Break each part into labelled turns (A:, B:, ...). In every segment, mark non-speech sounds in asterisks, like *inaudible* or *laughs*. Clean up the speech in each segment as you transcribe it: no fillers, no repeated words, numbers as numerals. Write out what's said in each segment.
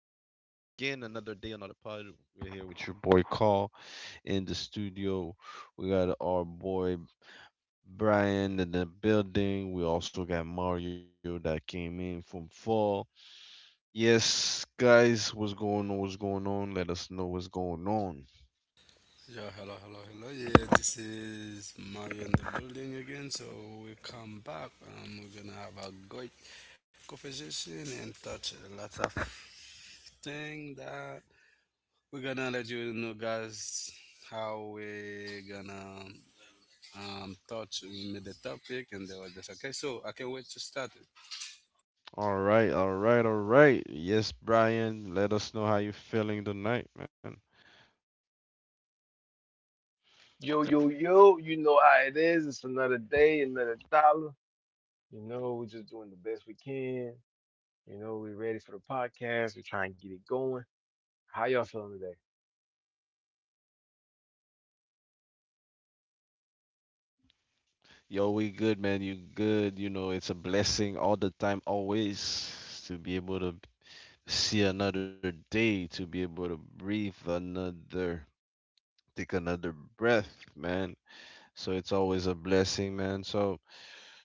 A: another day, another pod. We're here with your boy Carl in the studio. We got our boy Brian in the building. We also got Mario that came in from fall. Yes, guys, what's going on? What's going on? Let us know what's going on.
B: Yeah, hello, hello, hello. Yeah, this is Mario in the building again. So we come back and we're gonna have a great conversation and touch a lot of thing that we're gonna let you know, guys, how we're gonna touch with the topic and the others. Okay, so I can't wait to start it.
A: All right, all right, all right. Yes, Brian, let us know how you're feeling tonight, man.
C: Yo, yo, yo, you know how it is. It's another day, another dollar. You know, we're just doing the best we can. You know, we're ready for the podcast. We're trying to get it going. How y'all feeling today?
A: Yo, we good, man. You good. You know, it's a blessing all the time, always, to be able to see another day, to be able to breathe another, take another breath, man. So it's always a blessing, man. So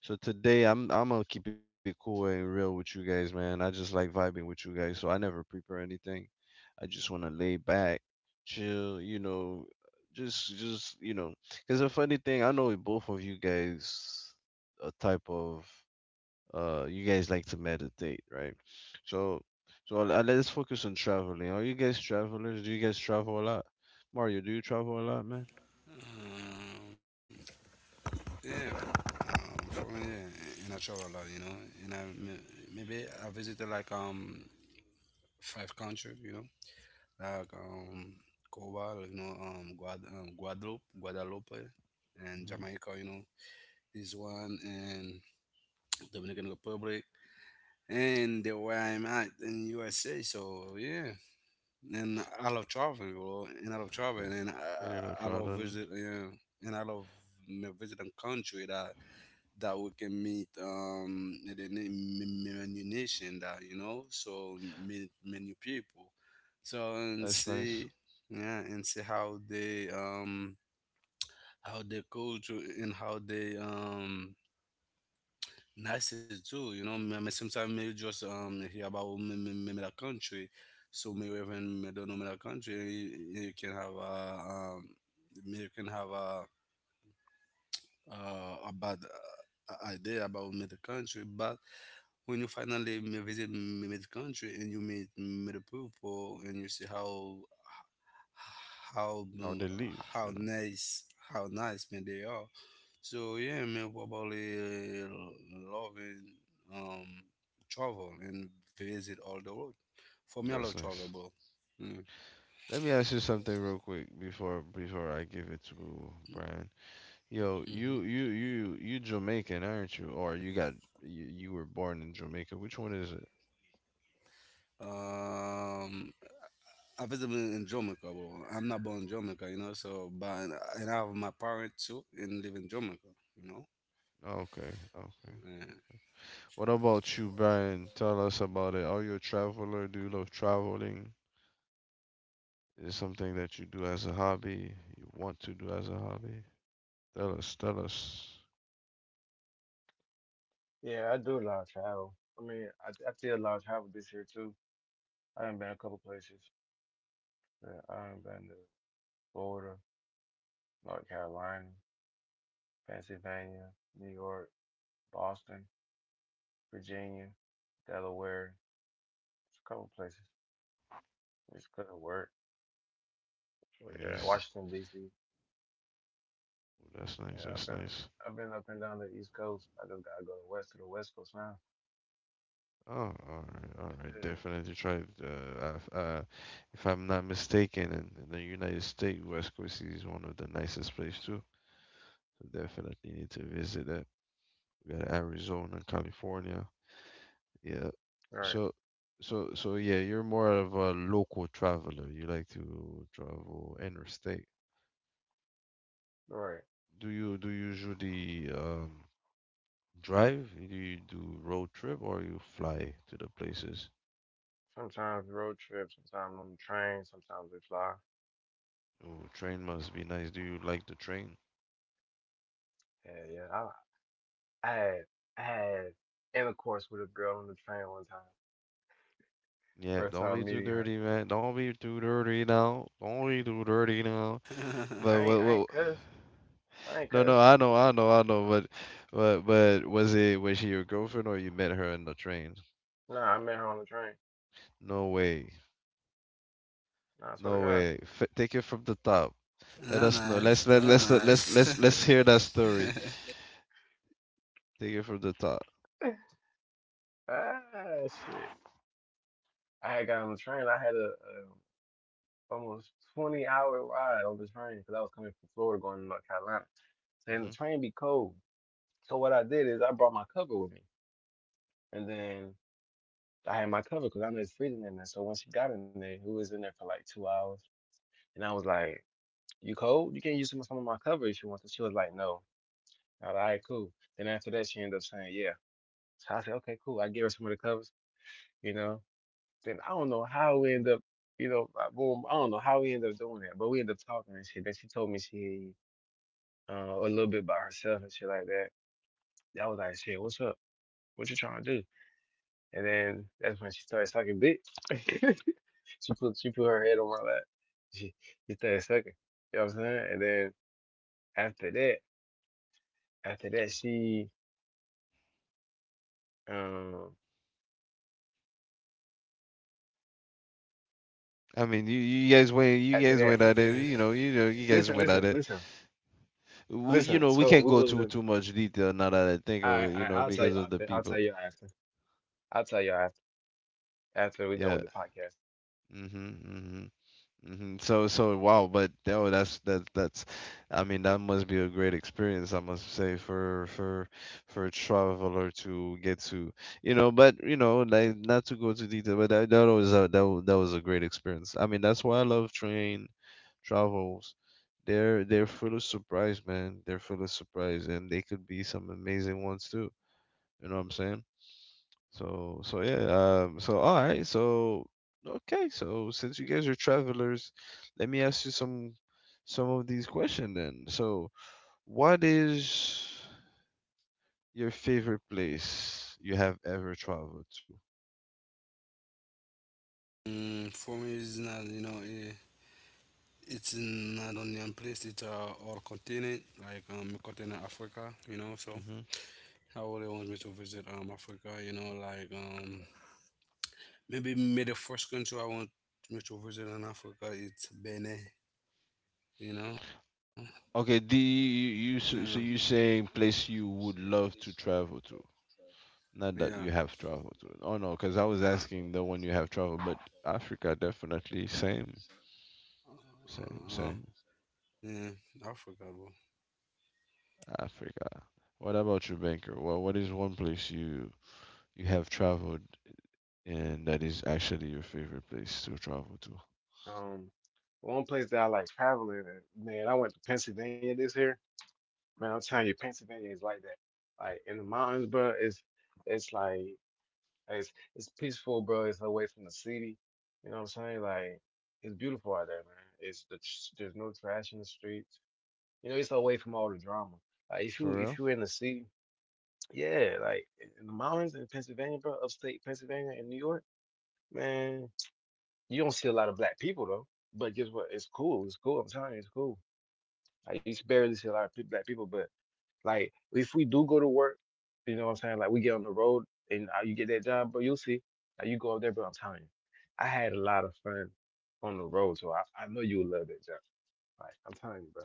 A: so today I'm gonna keep it cool and real with you guys, man. I just like vibing with you guys, so I never prepare anything. I just wanna lay back, chill, you know, just. Cause a funny thing, I know both of you guys a type of you guys like to meditate, right? So so let's focus on traveling. Are you guys travelers? Do you guys travel a lot? Mario, do you travel a lot, man?
B: Um, yeah, for me, yeah, and I travel a lot, you know, and maybe I visited like five countries, you know. Like Cuba, you know, Guadeloupe, Guadeloupe, and
A: Hmm.
B: Jamaica, you know, this one and Dominican Republic, and the where I'm at in USA. So yeah, and I love traveling, you know, and I love traveling, and
A: Yeah, *laughs*
B: I,
A: you know,
B: I I love
A: traveling.
B: visit, yeah, and I love me visiting country that that we can meet the name many nation that you know so meet many people so and
A: That's nice.
B: see yeah and see how they culture and how they nice it too, you know, maybe sometimes maybe just hear about maybe maybe the country, so maybe even me don't know the country. You can have a um maybe you can have a bad idea about the country, but when you finally visit mid country and you meet mid people and you see how
A: Or they leave, you
B: how
A: know.
B: nice, how nice man they are. So yeah, man, probably uh, loving um travel and visit all the world. For me, I love
A: That's
B: travel,
A: nice.
B: bro. Mm.
A: Let me ask you something real quick before I give it to Brian. Yo,
B: Hmm.
A: you Jamaican, aren't you? Or you got you were born in Jamaica. Which one is it?
B: Um, I visited in Jamaica, bro. I'm not born in Jamaica, you know. So, but and I have my parents too and live in Jamaica, you
A: Okay, okay.
B: know.
A: What about you, Brian? Tell us about it. Are you a traveler? Do you love traveling? Is it something that you do as a hobby? You want to do as a hobby? Tell us.
C: Yeah, I do a lot of travel. I mean, I did a lot of travel this year too. I done been a couple places. Yeah, I done been to Florida, North Carolina, Pennsylvania, New York, Boston, Virginia, Delaware, just a couple places. It's good work. But yeah,
A: Yes.
C: Washington, D.C. Yeah,
A: That's nice.
C: I've been up and down the East Coast. I just gotta go to west to the West Coast now.
A: Oh, all right, all
C: That's
A: right.
C: it.
A: Definitely try. I If I'm not mistaken, in the United States, West Coast is one of the nicest places too. So definitely need to visit that. We got Arizona, California. Yeah.
C: Right,
A: So, so yeah, you're more of a local traveler. You like to travel interstate.
C: right.
A: Do you usually drive? Do you do road trip or you fly to the places?
C: Sometimes road trip, sometimes on the train, sometimes we fly.
A: Oh, train must be nice. Do you like the train?
C: Yeah, yeah. I, I had I had intercourse with a girl on the train one time.
A: Yeah,
C: First
A: don't
C: time
A: be too
C: meeting her.
A: dirty, man. Don't be too dirty now. Don't be too
B: *laughs*
A: dirty now.
B: That's
A: But what,
C: I ain't
A: what,
C: cuss. I
A: *sighs*
C: ain't
A: no, no,
C: cuss.
A: I know. But was it was she your girlfriend or you met her in the train?
C: Nah, I met her on the train.
A: No way,
C: Nah, I swear
A: no
C: to
A: way. F take it from the top. Let
B: nice.
A: us know.
B: That's
A: Let's let let's let, let's
B: nice. *laughs*
A: let's hear that story. Take it from the top.
C: God. *laughs* Ah, shit. I had got on the train. I had a, almost 20-hour ride on the train because I was coming from Florida going to North Carolina. And the
A: Hmm.
C: train be cold. So what I did is I brought my cover with me, and then I had my cover because I know it's freezing in there. So when she got in there, we was in there for like 2 hours, and I was like, "You cold? You can use some of my cover if you want to." She was like, "No." I was like, "All right, cool." Then after that, she ended up saying, "Yeah." So I said, "Okay, cool." I gave her some of the covers, you know. Then I don't know how we end up, you know, I don't know how we end up doing that, but we end up talking and shit. Then she told me she a little bit about herself and shit like that. I was like, "Shit, what's up? What you trying to do?" And then that's when she started sucking dick. *laughs* she she put her head on my lap. She she started sucking. You know what I'm saying? And then after that, after that she um
A: I mean, you guys went you
C: after
A: guys
B: Okay.
C: that
A: went at it. You guys
C: listen,
A: went
C: listen,
A: at it.
C: listen,
A: We, you
C: listen.
A: know, we
C: So
A: can't
C: we
A: go
C: was
A: too
C: in
A: too much detail now that I think of
C: I,
A: it, you
C: I
A: know, because of the
C: I'll
A: people.
C: tell you after. I'll tell you after after we done
A: Yeah.
C: with the podcast.
A: Mhm. Mhm. Mhm. So so wow, but oh, that's. I mean, that must be a great experience, I must say, for a traveler to get to, you know. But you know, like not to go too detail, but that was a great experience. I mean, that's why I love train travels. They're full of surprise, man. They're full of surprise, and they could be some amazing ones too. You know what I'm saying? So so yeah, so all right, so okay, so since you guys are travelers, let me ask you some of these questions then. So what is your favorite place you have ever traveled to?
B: Mm, for me, it's not, you know, it's not only one place, it's all continent, like continent Africa, you know, so
A: Hmm.
B: I really want me to visit Africa, you know, like maybe, maybe the first country I want me to visit in Africa, it's Benin, you know.
A: Okay,
B: Yeah.
A: so you saying place you would love to travel to. Not
B: Yeah.
A: that you have traveled to. Oh no, because I was
B: Uh,
A: asking the one you have traveled, but Africa definitely
B: uh, uh,
A: same.
B: Yeah, Africa, bro.
A: Africa. What about you, Banker? What is one place you have traveled and that is actually your favorite place to travel to?
C: Um One place that I like traveling and man, I went to Pennsylvania this year. Man, I'm telling you, Pennsylvania is like that. Like in the mountains, bro, it's like it's it's peaceful, bro. It's away from the city. You know what I'm saying? Like it's beautiful out there, man. There's no trash in the streets. You know, it's away from all the drama. Like
A: For
C: if
A: real?
C: you're in the city, yeah, like in the mountains in Pennsylvania, bro, upstate Pennsylvania and New York, man, you don't see a lot of black people though. But guess what? It's cool. It's cool. I'm telling you, it's cool. I used to barely see a lot of black people. But like if we do go to work, you know what I'm saying? Like we get on the road and you get that job, but you'll see. Like you go up there, but I'm telling you, I had a lot of fun on the road, so I know you'll love that job. Like I'm telling you, bro.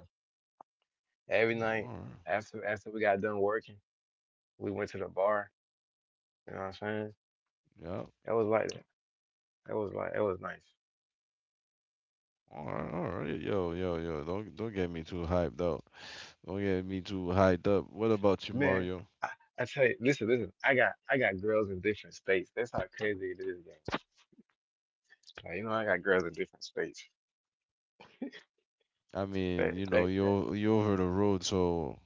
A: Oh,
C: Every night
A: alright.
C: after we got done working, we went to the bar. You know what I'm saying?
A: Yeah.
C: That was like that. That was like that was nice,
A: Alright, alright. Yo, yo, yo. Don't get me too hyped though. Don't get me too hyped up. What about you,
C: man.
A: Mario?
C: I, I tell you, listen. I got girls in different states. That's how crazy it is, gang. Like, you know, I got girls in different states.
A: I mean,
C: That
A: you know,
C: that that
A: you're over the road, so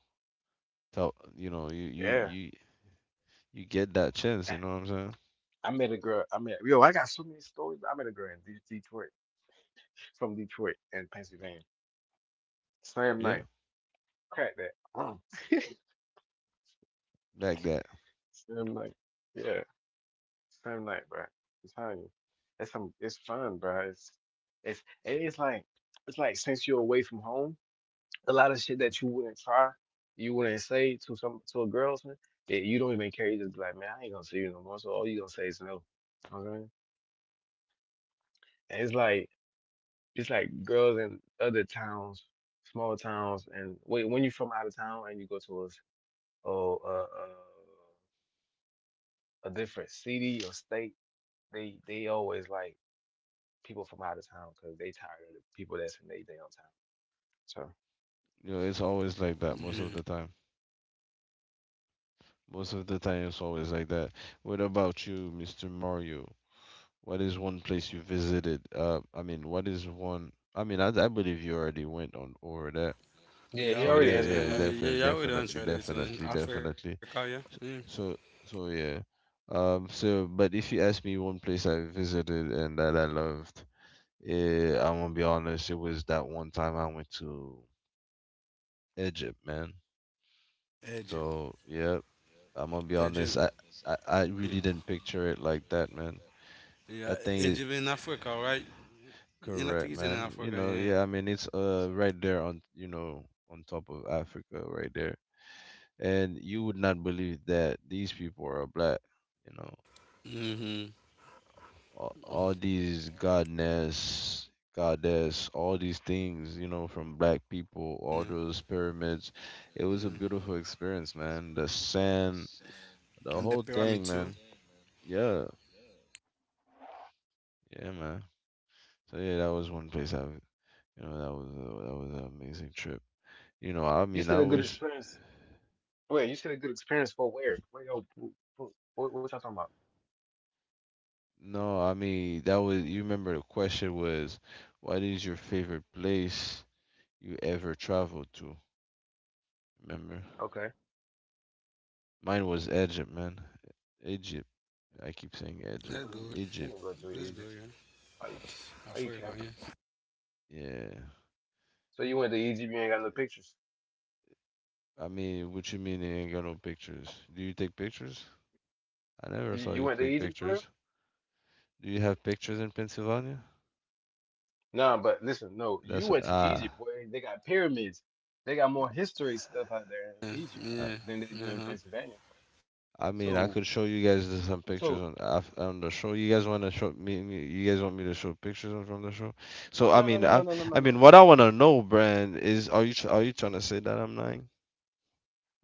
A: tell you know,
C: yeah.
A: you you get that chance. You know what I'm saying?
C: I met a girl. I met yo. I got so many stories. I met a girl in Detroit, from Detroit and Pennsylvania. Same
A: Yeah,
C: night. Crack that.
A: back that.
C: Same night. Yeah. Same night, bro. I'm telling you, it's some. it's fun, bro. It's and it's like since you're away from home, a lot of shit that you wouldn't try, you wouldn't say to some to a girl, or something, that you don't even care. You just be like, man, I ain't gonna see you no more. So all you gonna say is no. Okay. And it's like just like girls in other towns, small towns, and wait, when you're from out of town and you go to oh, uh, uh, a different city or state, they always like people from out of town because they tired of the people that's in their downtown. So
A: You know, it's always like that most of
B: Yeah,
A: the time. Most of the time, it's always like that. What about you, Mr. Mario? What is one place you visited? I mean, what is one? I believe you already went on over that.
C: yeah, he
B: yeah,
A: So
B: we
C: already
A: yeah,
C: answered the
A: yeah,
B: did.
C: question.
B: Yeah, yeah, we done tried it in Africa,
A: definitely.
B: yeah.
A: S- So, so yeah. So, but if you ask me one place I visited and that I loved, I'm gonna be honest, it was that one time I went to Egypt, man.
B: Yeah, Egypt,
A: So yeah, I'm gonna be honest.
B: Egypt.
A: I really didn't picture it like that, man.
B: Yeah,
A: That thing is
B: Egypt in Africa, right?
A: *sighs*
B: And I
A: correct,
B: think it's in
A: man. You
B: Africa,
A: know,
B: yeah.
A: yeah. I mean, it's right there on you know on top of Africa, right there. And you would not believe that these people are black. You know,
B: Mm-hmm.
A: all these godness, goddess, all these things. You know, from black people,
B: Yeah,
A: all those pyramids. It
B: yeah.
A: was a beautiful experience, man. The sand,
B: And the
A: the whole
B: pyramid
A: thing,
B: too.
A: man. Yeah, yeah, man. So yeah, that was one place you know, that was an amazing trip. You know, I
C: You
A: mean,
C: said
A: I
C: a good
A: wish.
C: experience. Wait, you said a good experience for where? Where y'all? What y'all talking about?
A: No, I mean that was. You remember the question was, what is your favorite place you ever traveled to? Remember,
C: Okay,
A: mine was Egypt, man. Egypt. I keep saying
B: That's
A: Egypt.
C: but
B: good.
C: you
A: Egypt.
C: didn't go to
B: That's good,
C: Egypt.
B: yeah.
C: Are you, are you
B: Africa,
C: capping?
B: yeah.
A: Yeah.
C: So you went to Egypt? You ain't got no pictures.
A: I mean, what you mean you ain't got no pictures? Do you take pictures? I never saw
C: You
A: you
C: went to
A: take
C: Egypt for real?
A: pictures. Do you have pictures in Pennsylvania?
C: No, but listen, no, you
A: That's
C: went to
A: ah.
C: Egypt, boy. They got pyramids. They got more history stuff out there in
B: Yeah,
C: Egypt
B: yeah.
C: than they do
B: Uh
C: in
B: huh.
C: Pennsylvania.
A: I mean, I
C: So,
A: could show you guys some pictures
C: so
A: on the show. You guys want to show me? You guys want me to show pictures from the show? So I
C: no, no,
A: mean,
C: no,
A: I
C: no, no, no,
A: I
C: no,
A: mean,
C: no.
A: what I want to know, Brand, is are you are you trying to say that I'm lying?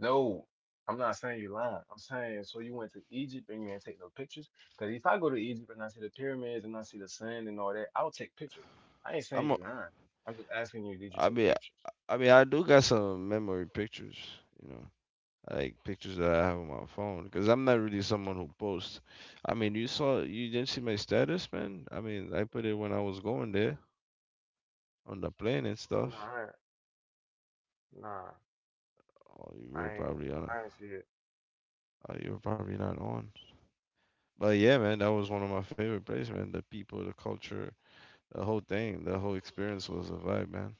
C: No, I'm not saying you're lying. I'm saying so you went to Egypt and you didn't take no pictures. Because if I go to Egypt and I see the pyramids and I see the sand and all that, I'll take pictures. I ain't saying
A: I'm. A,
C: you're lying. I'm just asking you, did you
A: I
C: take
A: mean,
C: pictures?
A: I mean, I do got some memory pictures. You know, like pictures that I have on my phone, because I'm not really someone who posts. I mean, you saw, you didn't see my status, man. I mean, I put it when I was going there on the plane and stuff.
C: Nah, I- nah,
A: Oh, you were
C: I ain't.
A: probably on. A-
C: I ain't see it.
A: Oh, you were probably not on. But yeah, man, that was one of my favorite places, man. The people, the culture, the whole thing, the whole experience was a vibe, man.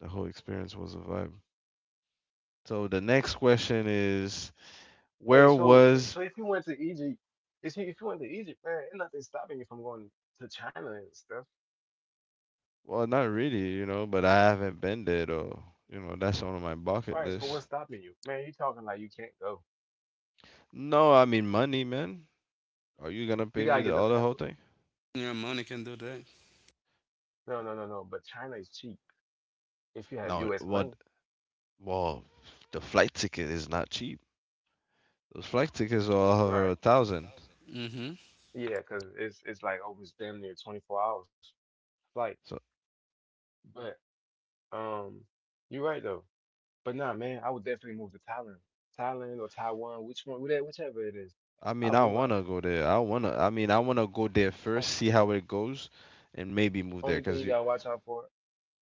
A: The whole experience was a vibe. So the next question is,
C: Wait,
A: where
C: so
A: was?
C: so if you went to Egypt, if you went to Egypt, man, ain't nothing stopping you from going to China and stuff.
A: Well, not really, you know, but I haven't been there though. You know, that's on my bucket
C: Right, so
A: list.
C: what's stopping you? Man, you talking like you can't go.
A: No, I mean money, man. Are you gonna
C: You
A: pay me
C: gotta get
A: the
C: the
A: other whole
C: passport.
A: thing?
B: Yeah, money can do that.
C: No, no, no, no. But China is cheap if you have
A: No,
C: US
A: what?
C: money.
A: Well, the flight ticket is not cheap. Those flight tickets are over
C: Right.
A: a thousand.
B: Mm-hmm.
C: Yeah, 'cause it's like oh, it's damn near 24 hours flight.
A: So
C: But um you're right though. But nah, man, I would definitely move to Thailand. Thailand or Taiwan, which one, whichever it is.
A: I
C: I'll
A: mean, I
C: move out
A: wanna go there. I wanna. I mean, I wanna go there
C: there. On-
A: first, see how it goes, and maybe move there.
C: Only thing you gotta watch out for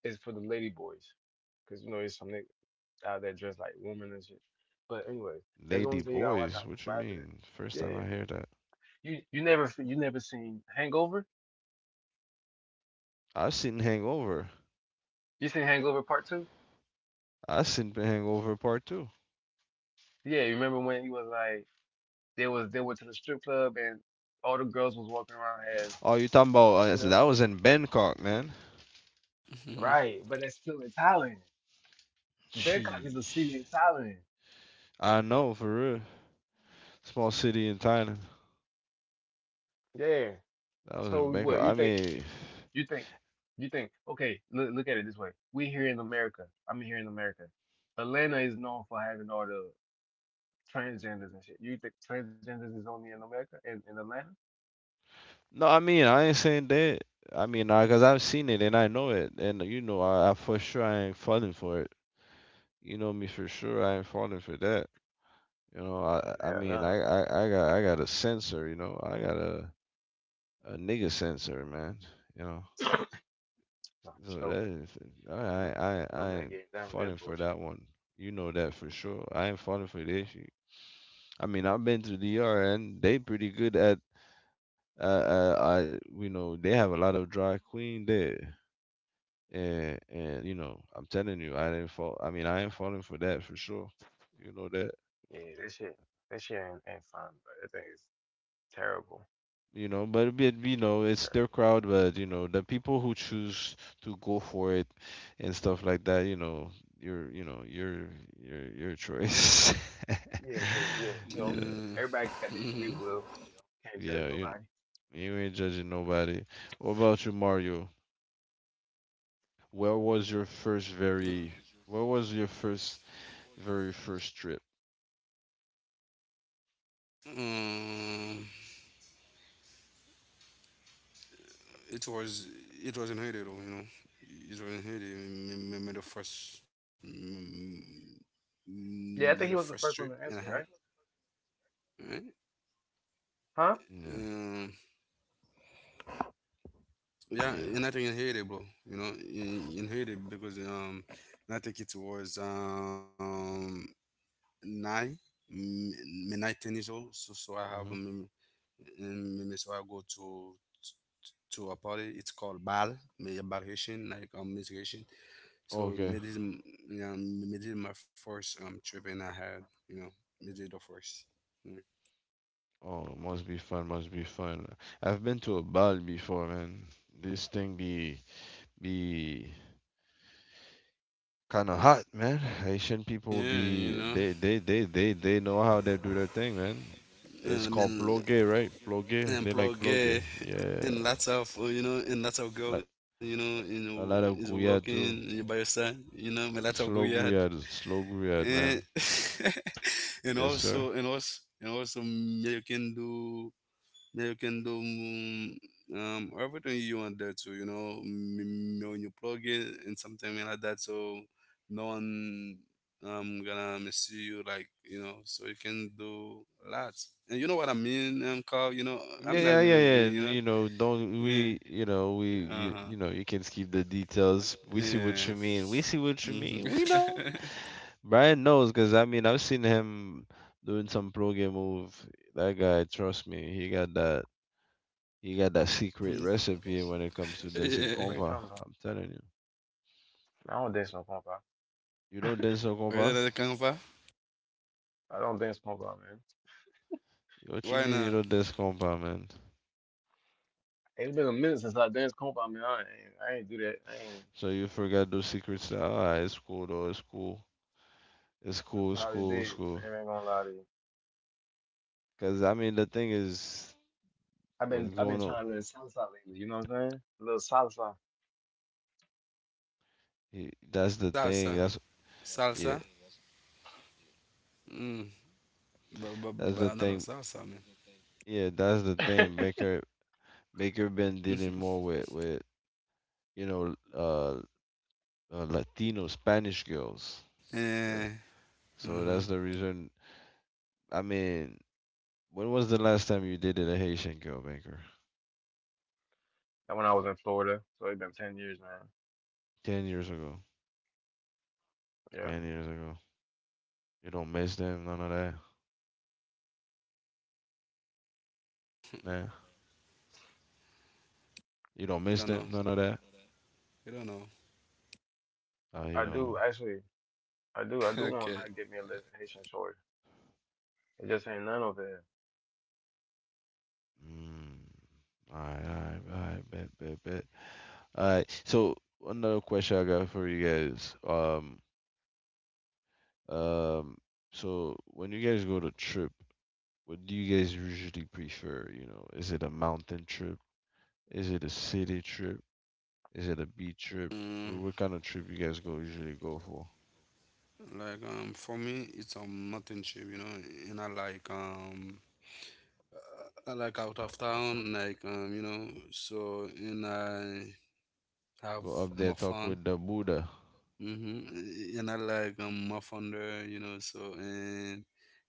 C: is for the lady boys, cause you know there's some niggas out there dressed like women and shit. But anyway, that's the
A: Lady
C: only thing you gotta watch
A: Boys,
C: out for.
A: what you
C: But after that,
A: mean? First time
C: yeah,
A: I hear that.
C: you never seen Hangover?
A: I seen Hangover.
C: You seen Hangover Part Two?
A: I seen Hangover Part Two.
C: Yeah, you remember when he was like they went to the strip club and all the girls was walking around had
A: Oh, you talking about?
C: you
A: So
C: know.
A: that was in Bangkok, man.
C: Right, but that's still in Thailand. Bangkok is a
A: Sheesh.
C: city in Thailand.
A: I know for real. Small city in Thailand.
C: Yeah.
A: That was in
C: So
A: Bangkok.
C: what you think? You think, okay, look, look at it this way. We here in America. I'm here in America. Atlanta is known for having all the transgenders and shit. You think transgenders is only in America in Atlanta?
A: I mean, I ain't saying that. Cause I've seen it and I know it, and you know, I for sure I ain't falling for it. You know me for sure. I ain't falling for that. You know,
C: Hell
A: I got a sensor. You know, I got a nigga sensor, man. You know,
C: no. Nah, for
A: so
C: sure.
A: that is I I
C: No,
A: I I
C: nobody
A: ain't
C: getting down with
A: falling
C: that
A: for that
C: bullshit.
A: one. You know that for sure. I ain't falling for this shit. I mean, I've been to DR and they pretty good at uh, uh I you know they have a lot of drag queen there. And you know, I'm telling you, I didn't fall. I mean, I ain't falling for that for sure. You know that.
C: Yeah, that shit ain't fun, but that thing is terrible.
A: You know but it'd be, you know
C: It's
A: it's their
C: terrible.
A: crowd but you know the people who choose to go for it and stuff like that you know your you know your choice. *laughs*
C: Yeah, 'cause yeah, you
A: You
C: know,
B: Mm-hmm.
A: know
C: everybody got their free
B: Mm-hmm.
C: will. You know, can't judge
A: yeah you know
C: nobody.
A: you ain't judging nobody. What about you, Mario, where was your first very where was your first very first trip?
B: Um, it was it was not Haiti though, you know. It was not Haiti. Me the first me, me
C: Yeah,
B: the
C: I think he was
B: first
C: the
B: trip
C: first one to
B: and a
C: answer,
B: half.
C: right?
B: Right?
C: Huh?
A: Yeah,
B: Um, yeah,
A: yeah.
B: and I think in Haiti, bro. You know, in Haiti because I think it was nine, me me 19 years old. So so I have
A: Hmm.
B: me, so I go to a party. It's called bal, me a bal Haitian, like Miss. So
A: Okay,
B: yeah, mid is my first trip and I had, you know, mid is the first. Mm.
A: oh must be fun, must be fun. I've been to a bal before, man. This thing be be kind of hot, man. Haitian
B: Yeah,
A: people
B: you
A: be
B: know,
A: they know how they do their thing, man.
B: I
A: It's called
B: mean,
A: plogue, right? Plogue. They like
B: employed
A: plogue.
B: gay,
A: Yeah,
B: and lots of you know, and lots of
A: like
B: girl, you know,
A: a
B: is
A: lot of guyad
B: walking you
A: too.
B: by your side, you know, my lots of go yard,
A: Slow guyad,
B: and
A: man.
B: *laughs* and
A: Yes,
B: also
A: sir.
B: and also and also me you can do now you can do everything you want there too, you know, when you plug it and something like that, so no one gonna miss you, like, you know, so you can do lots. And you know what I mean, Carl. You know, I'm
A: Yeah,
B: not
A: yeah,
B: gonna go,
A: yeah, yeah.
B: you know,
A: You know, don't
B: yeah,
A: we? You know, we you
B: uh huh,
A: you know you can skip the details. We see
B: yeah.
A: what you mean. We see what you
B: Mhm.
A: mean. We know. Brian knows because I mean I've seen him doing some pro game move. That guy, trust me, he got that secret recipe when it
B: *laughs*
A: comes to
B: Yeah.
A: dancing
C: What are you
A: compa.
C: talking about?
A: I'm telling you.
C: I don't dance no compa.
A: You don't dance no
B: Are you
A: compa?
B: the Canva?
C: I don't dance compound, man.
A: What you
B: Why
A: mean you
B: not?
A: don't dance compa, man?
C: It's been a minute since I danced compound, man. I ain't do that. I ain't.
A: So you forgot those secrets? Ah, it's cool though. It's cool. It's
C: I
A: cool. It's
C: probably
A: cool. It's
C: did.
A: cool.
C: I ain't gonna lie to you.
A: Cause I mean the thing is what's
C: I've been
A: going on.
C: trying to learn salsa lately. You know what I'm saying? A little salsa.
A: He, that's
B: Salsa,
A: the thing. That's
B: salsa.
A: yeah.
B: Mm. But I
A: That's
B: love
A: the thing.
B: salsa, man.
A: Yeah, that's the
C: Yeah.
A: thing.
C: *laughs*
A: Baker Baker been
B: *laughs*
A: dealing more with you know, uh, Latino Spanish girls. Uh,
B: Eh,
A: So that's
B: uh-huh.
A: the reason. I mean, when was the last time you dated a Haitian girl, banker?
C: That when I was in Florida, so it's been 10 years, man.
A: 10 years ago.
C: Yeah.
A: 10 years ago. You don't miss them, none of that. Nah. You don't
B: You
A: miss
B: don't know.
A: them, none of that.
B: You don't know.
C: I
A: You don't
C: do
A: know.
C: actually. I do. I
B: *laughs*
C: do want to,
B: Okay.
C: like, get me a little Haitian short. It just ain't none over there.
A: Mm. All right, all right, all right, bet, bet, bet. All right. So another question I got for you guys. Um. So when you guys go to trip, what do you guys usually prefer? You know, is it a mountain trip? Is it a city trip? Is it a beach trip?
B: Mm,
A: What kind of trip you guys go usually go for?
B: like for me, it's mountain trip. You know, and I like out of town. Like you know, so and I have
A: Go up there,
B: more
A: talk
B: fun.
A: with the Buddha.
B: Mm-hmm. And I like muff under, you know, so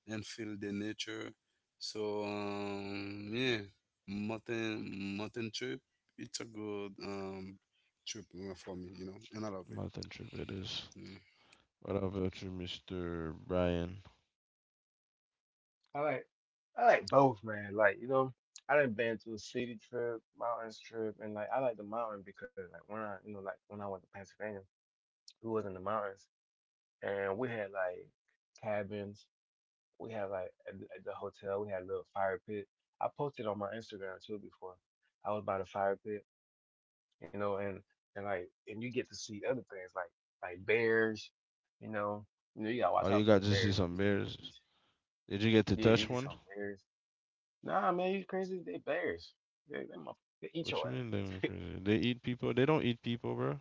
B: and feel the nature. So yeah, mountain mountain trip. It's a good trip for me, you know, and I love it.
A: Mountain trip it is.
B: Yeah.
A: What about you, Mr. Brian?
C: I like. I like both, man. Like you know. I done been to a city trip, mountains trip, and like I like the mountain because like when I you know like when I went to Pennsylvania, who was in the mountains, and we had like cabins. We had like at the hotel. We had a little fire pit. I posted on my Instagram too before. I was by the fire pit, you know, and like and you get to see other things like bears, you know. You know you gotta
A: Oh,
C: watch
A: you
C: out for
A: got
C: the
A: to see
C: bears.
A: some
C: You
A: bears.
C: see-
A: Did you get to
C: yeah, you
A: touch
C: see
A: one?
C: some bears. Nah, man, you crazy. They bears. Motherf- they eat
A: What
C: your
A: you mean they went
C: ass.
A: crazy? They eat people. They don't eat people, bro.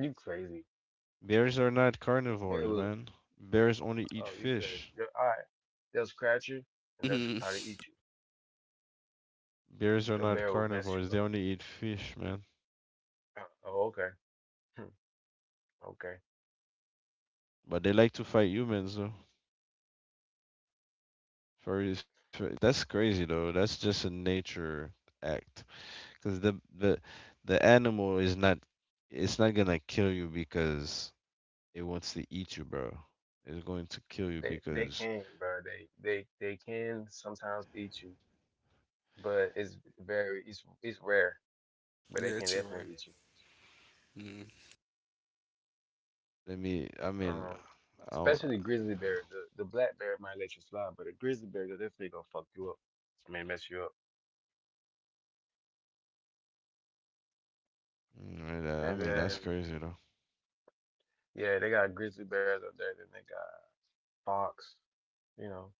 C: *laughs* you crazy.
A: Bears are not
C: The bear
A: carnivores,
C: will.
A: man. Bears only eat
C: Oh, you crazy.
A: fish.
C: All right. They'll scratch you and they'll
B: Mhm.
C: try to eat you.
A: Bears are
C: The
A: not
C: barrel mess
A: carnivores.
C: you
A: They
C: up.
A: only eat fish, man.
C: Oh, oh, okay. Hmm, okay.
A: But they like to fight humans, though. Furries. Fi- That's crazy, though. That's just a nature act. Because the animal is not it's not gonna kill you because it wants to eat you, bro. It's going to kill you
C: They
A: because
C: can, bro. They can sometimes eat you, but it's very it's rare, but they
B: Yeah,
C: can
B: it's your way.
C: definitely eat you.
B: Mm.
A: let me. I mean,
C: Um,
A: I, don't-
C: Especially the grizzly bear. The black bear might let you slide, but the grizzly bear they're definitely gonna fuck you up. May mess you up.
A: mm, yeah, I
C: And
A: mean
C: then
A: that's crazy, though.
C: yeah, they got grizzly bears up there. Then they got fox, you know.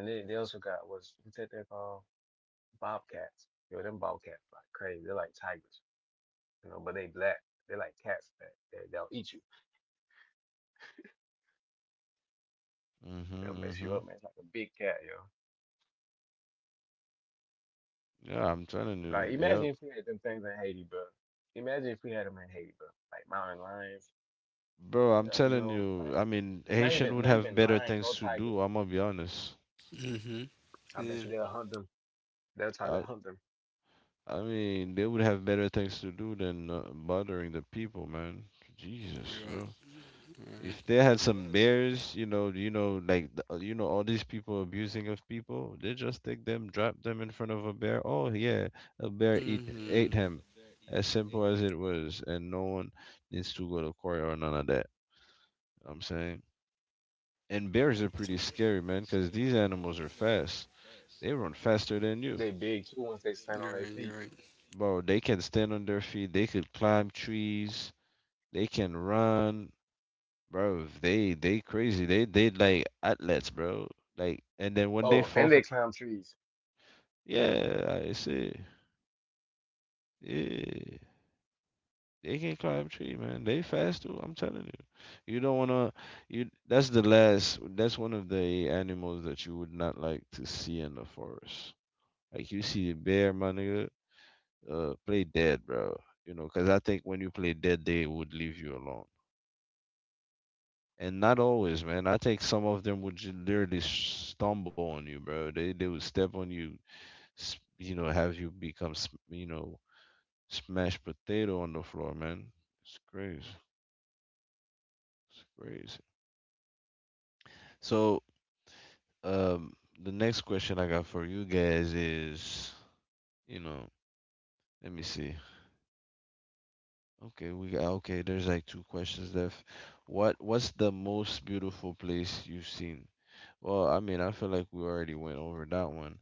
C: And they also got what's that they're called? Bobcats. Yo, them bobcats like crazy. They're like tigers, you know, but they black. They like cats that they'll eat you. They'll
A: Mhm.
C: mess
A: Mhm.
C: you up, man. It's like a big cat, yo.
A: Yeah, I'm telling
C: Like
A: you.
C: imagine
A: Yep.
C: if we had them things in Haiti, bro. Imagine if we had them in Haiti, bro. Like mountain lions,
A: Bro, I'm
C: you
A: telling
C: know,
A: you,
C: like
A: I mean, Haitian would
C: not
A: have
C: even
A: better
C: lions
A: things
C: or
A: to
C: tigers.
A: do. I'm gonna be honest.
B: Mm-hmm.
C: I bet
B: Yeah,
C: you they'll hunt them. They'll try to
A: I,
C: hunt them.
A: I mean, they would have better things to do than bothering the people, man.
B: you're
A: Jesus,
B: right.
A: bro.
B: Right.
A: If they had some bears, you know, like, th- you know, all these people abusing of people, they just take them, drop them in front of a bear. Oh yeah, a bear eat
B: Mm-hmm.
A: ate him. As simple as it was, and no one needs to go to court or none of that. I'm saying. And bears are
B: So
A: pretty scary, man, because these animals are fast. They run faster than
C: They
A: you.
C: big too once they stand on
B: you're
C: their
B: right.
C: feet.
B: You're right.
A: Bro, they can stand on their feet. They could climb trees. They can run, bro. They crazy. They like athletes, bro. Like and then when they
C: Oh,
A: fall
C: and
A: for,
C: they climb trees.
A: yeah, like I see. Yeah, they can climb tree, man. They fast too. I'm telling you. You don't wanna. You that's the last. That's one of the animals that you would not like to see in the forest. Like you see a bear, my nigga. Play dead, bro. You know, 'cause I think when you play dead, they would leave you alone. And not always, man. I think some of them would just literally stumble on you, bro. They would step on you, s- you know, have you become, s- you know, smashed potato on the floor, man. It's crazy. It's crazy. So, um, the next question I got for you guys is, you know, let me see. Okay, we got okay, there's like two questions left. What what's the most beautiful place you've seen? Well, I mean, I feel like we already went over that one,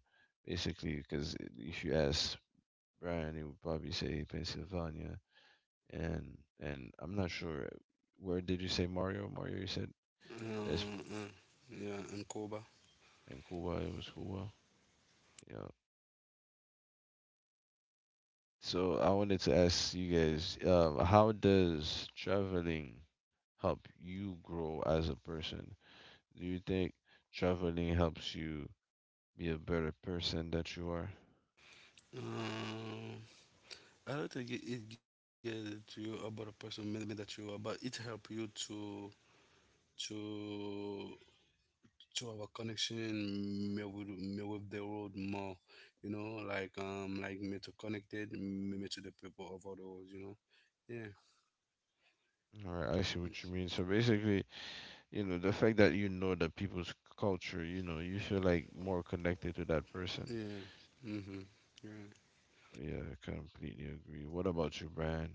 A: basically, because if you ask Brian, he would probably say Pennsylvania, and I'm not sure where did you say Mario? Mario, you said best
B: Uh, uh, yeah, in Cuba.
A: in Cuba. It was Cuba. Yeah. So I wanted to ask you guys, how does traveling help you grow as a person? Do you think traveling helps you be a better person that you are?
B: Um, I don't think it, it get to you about a person maybe that you are, but it help you to to have a connection me with the world more, you know, like me to connected me, me to the people of all the world, you know. Yeah,
A: All right, I see what you mean. So basically, you know, the fact that you know the people's c- culture, you know, you feel like more connected to that person.
B: yeah, mhm, yeah,
A: Yeah, I completely agree. What about you, Brian?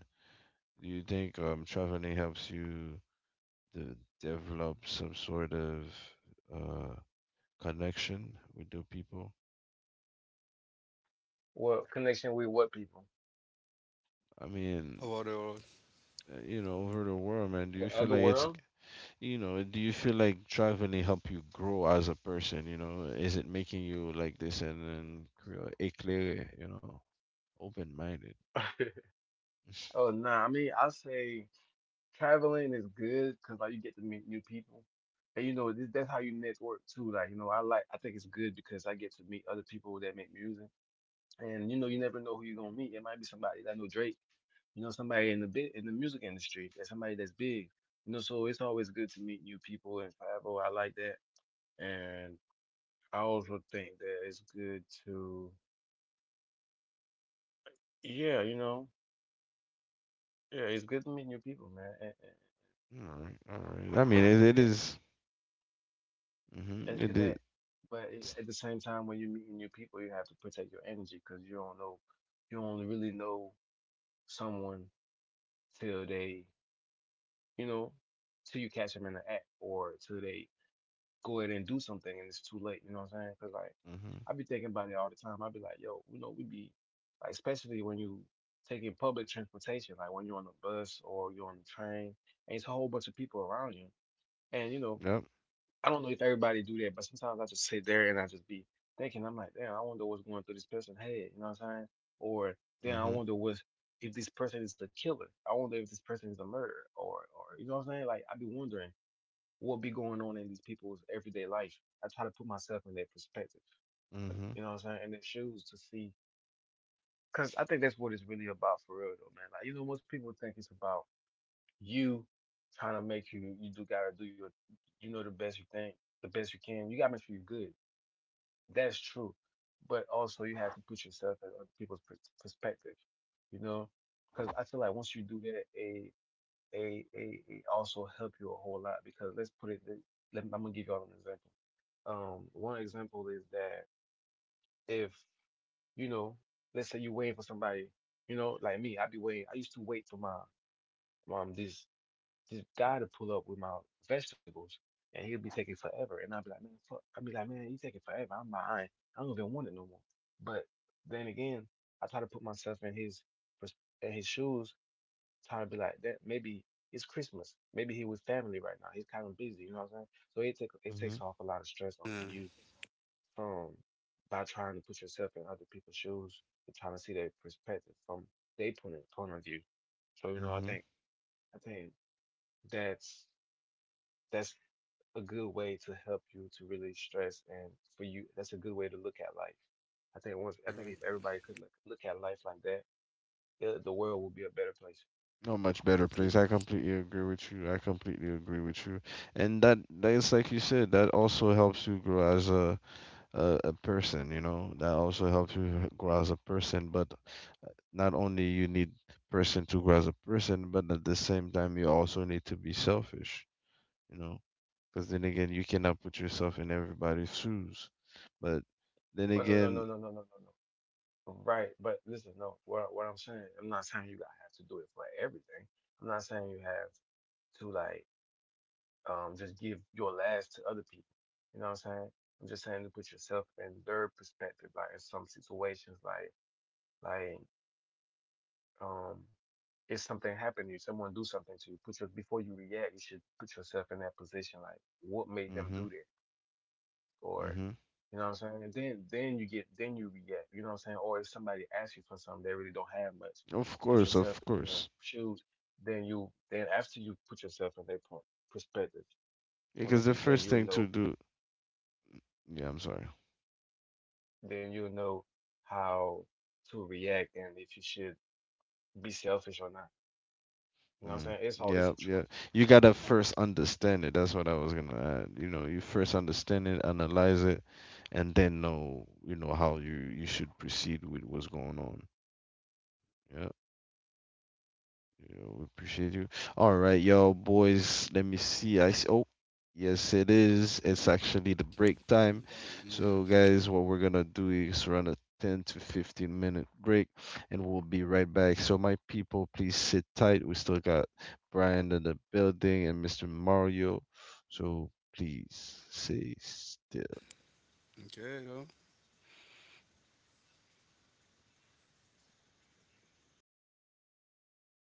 A: Do you think traveling helps you to develop some sort of uh connection with the people?
C: What connection with what people?
A: I mean,
B: of all the world.
A: you know, over the world, man, do you
C: The
A: feel
C: other
A: like it's
C: world?
A: you know, do you feel like traveling help you grow as a person? You know, is it making you like this and then cre- éclairé, you know, open-minded?
C: *laughs* Oh, nah. I mean, I say traveling is good because like you get to meet new people, and you know this, that's how you network too. Like you know, I think it's good because I get to meet other people that make music, and you know you never know who you're gonna meet. It might be somebody that know Drake, you know somebody in the bit in the music industry, that's somebody that's big, you know. So it's always good to meet new people and travel. I like that, and I also think that it's good to yeah, you know, yeah, it's good to meet new people, man, and,
A: All right, all right. I mean,
C: and, and
A: it
C: connect.
A: is. Mm-hmm,
C: And
A: it is.
C: connect. But it— at the same time, when you're meeting new people, you have to protect your energy because you don't know, you only really know someone till they, you know, till you catch them in the act or till they go ahead and do something and it's too late. You know what I'm saying? Because like
A: Mm-hmm.
C: I be thinking about it all the time. I be like, yo, you know, we be like, especially when you taking public transportation, like when you're on the bus or you're on the train, and it's a whole bunch of people around you, and you know
A: Yep.
C: I don't know if everybody do that, but sometimes I just sit there and I just be thinking, I'm like, damn, I wonder what's going through this person's head, you know what I'm saying? Or then I
A: Mm-hmm.
C: wonder what if this person is a killer. I wonder if this person is a murderer or you know what I'm saying? Like I be wondering what be going on in these people's everyday life. I try to put myself in their perspective.
A: Mm-hmm.
C: You know what I'm saying? In their shoes to see, because I think that's what it's really about for real though, man. Like you know, most people think it's about you trying to make you do gotta do your, you know, the best you think the best you can. You gotta make sure you're good. That's true. But also you have to put yourself in other people's perspective, you know? Because I feel like once you do that, it also help you a whole lot because let's put it, th- let, I'm gonna give y'all an example. One example is that if, you know, let's say you're waiting for somebody, you know, like me, I'd be waiting. I used to wait for my mom these this guy to pull up with my vegetables, and he'll be taking forever. And I'll be like, man, fuck. I'll be like, man, he taking forever. I'm buying. I don't even want it no more. But then again, I try to put myself in pers- in his shoes, trying to be like, that maybe it's Christmas. Maybe he with family right now. He's kind of busy. You know what I'm saying? So it
A: Mm-hmm.
C: takes off a
B: Yeah,
C: lot of stress off of you from by trying to put yourself in other people's shoes and trying to see their perspective from their point of view. So you know,
A: Mm-hmm.
C: I think that's that's a good way to help you to really stress, and for you that's a good way to look at life. I think
B: right.
C: if everybody could look at life like that, the world will be a better place.
A: No, much better place. I
B: Mhm.
A: completely agree with you. I completely agree with you. And that that is like you said, that also helps you grow as a person, you know. That also helps you grow as a person, but not only you need person to grow as a person, but at the same time you also need to be selfish, you know, because then again you cannot put yourself in everybody's shoes. But then
C: Oh, no no
A: again,
C: no no no no no no. Right, but listen, no. What I'm saying, I'm not saying you gotta have to do it for everything. I'm not saying you have to like just give your last to other people. You know what I'm saying? I'm just saying to put yourself in their perspective, like in some situations, like like um, if something happened to you, someone do something to you, put your before you react, you should put yourself in that position. Like, what made them
A: hmm
C: do that? Or,
A: hmm
C: you know what I'm saying? And then you get then you react. You know what I'm saying? Or if somebody asks you for something, they really don't have much. Put
A: of
C: yourself in their
A: course,
C: shoes. Then you then after you put yourself in their point perspective point
A: because
C: of
A: the
C: view,
A: first thing to do, yeah, I'm sorry.
C: then you'll know how to react and if you should be selfish or not. You know what
A: Mm.
C: I'm saying?
A: Yeah,
C: It's a
A: yeah.
C: choice.
A: You gotta first understand it. That's what I was gonna add. You know, you first understand it, analyze it, and then know, you know, how you should proceed with what's going on. Yeah. Yo, we appreciate you. All right, y'all, boys. Let me see. I see. Oh, yes, it is. It's actually the break time. So,
B: Yeah.
A: guys, what we're gonna do is run a 10 to 15 minute break, and we'll be right back. So, my people, please sit tight. We still got Brian in the building and Mr. Mario. So, please stay still.
B: Okay, though.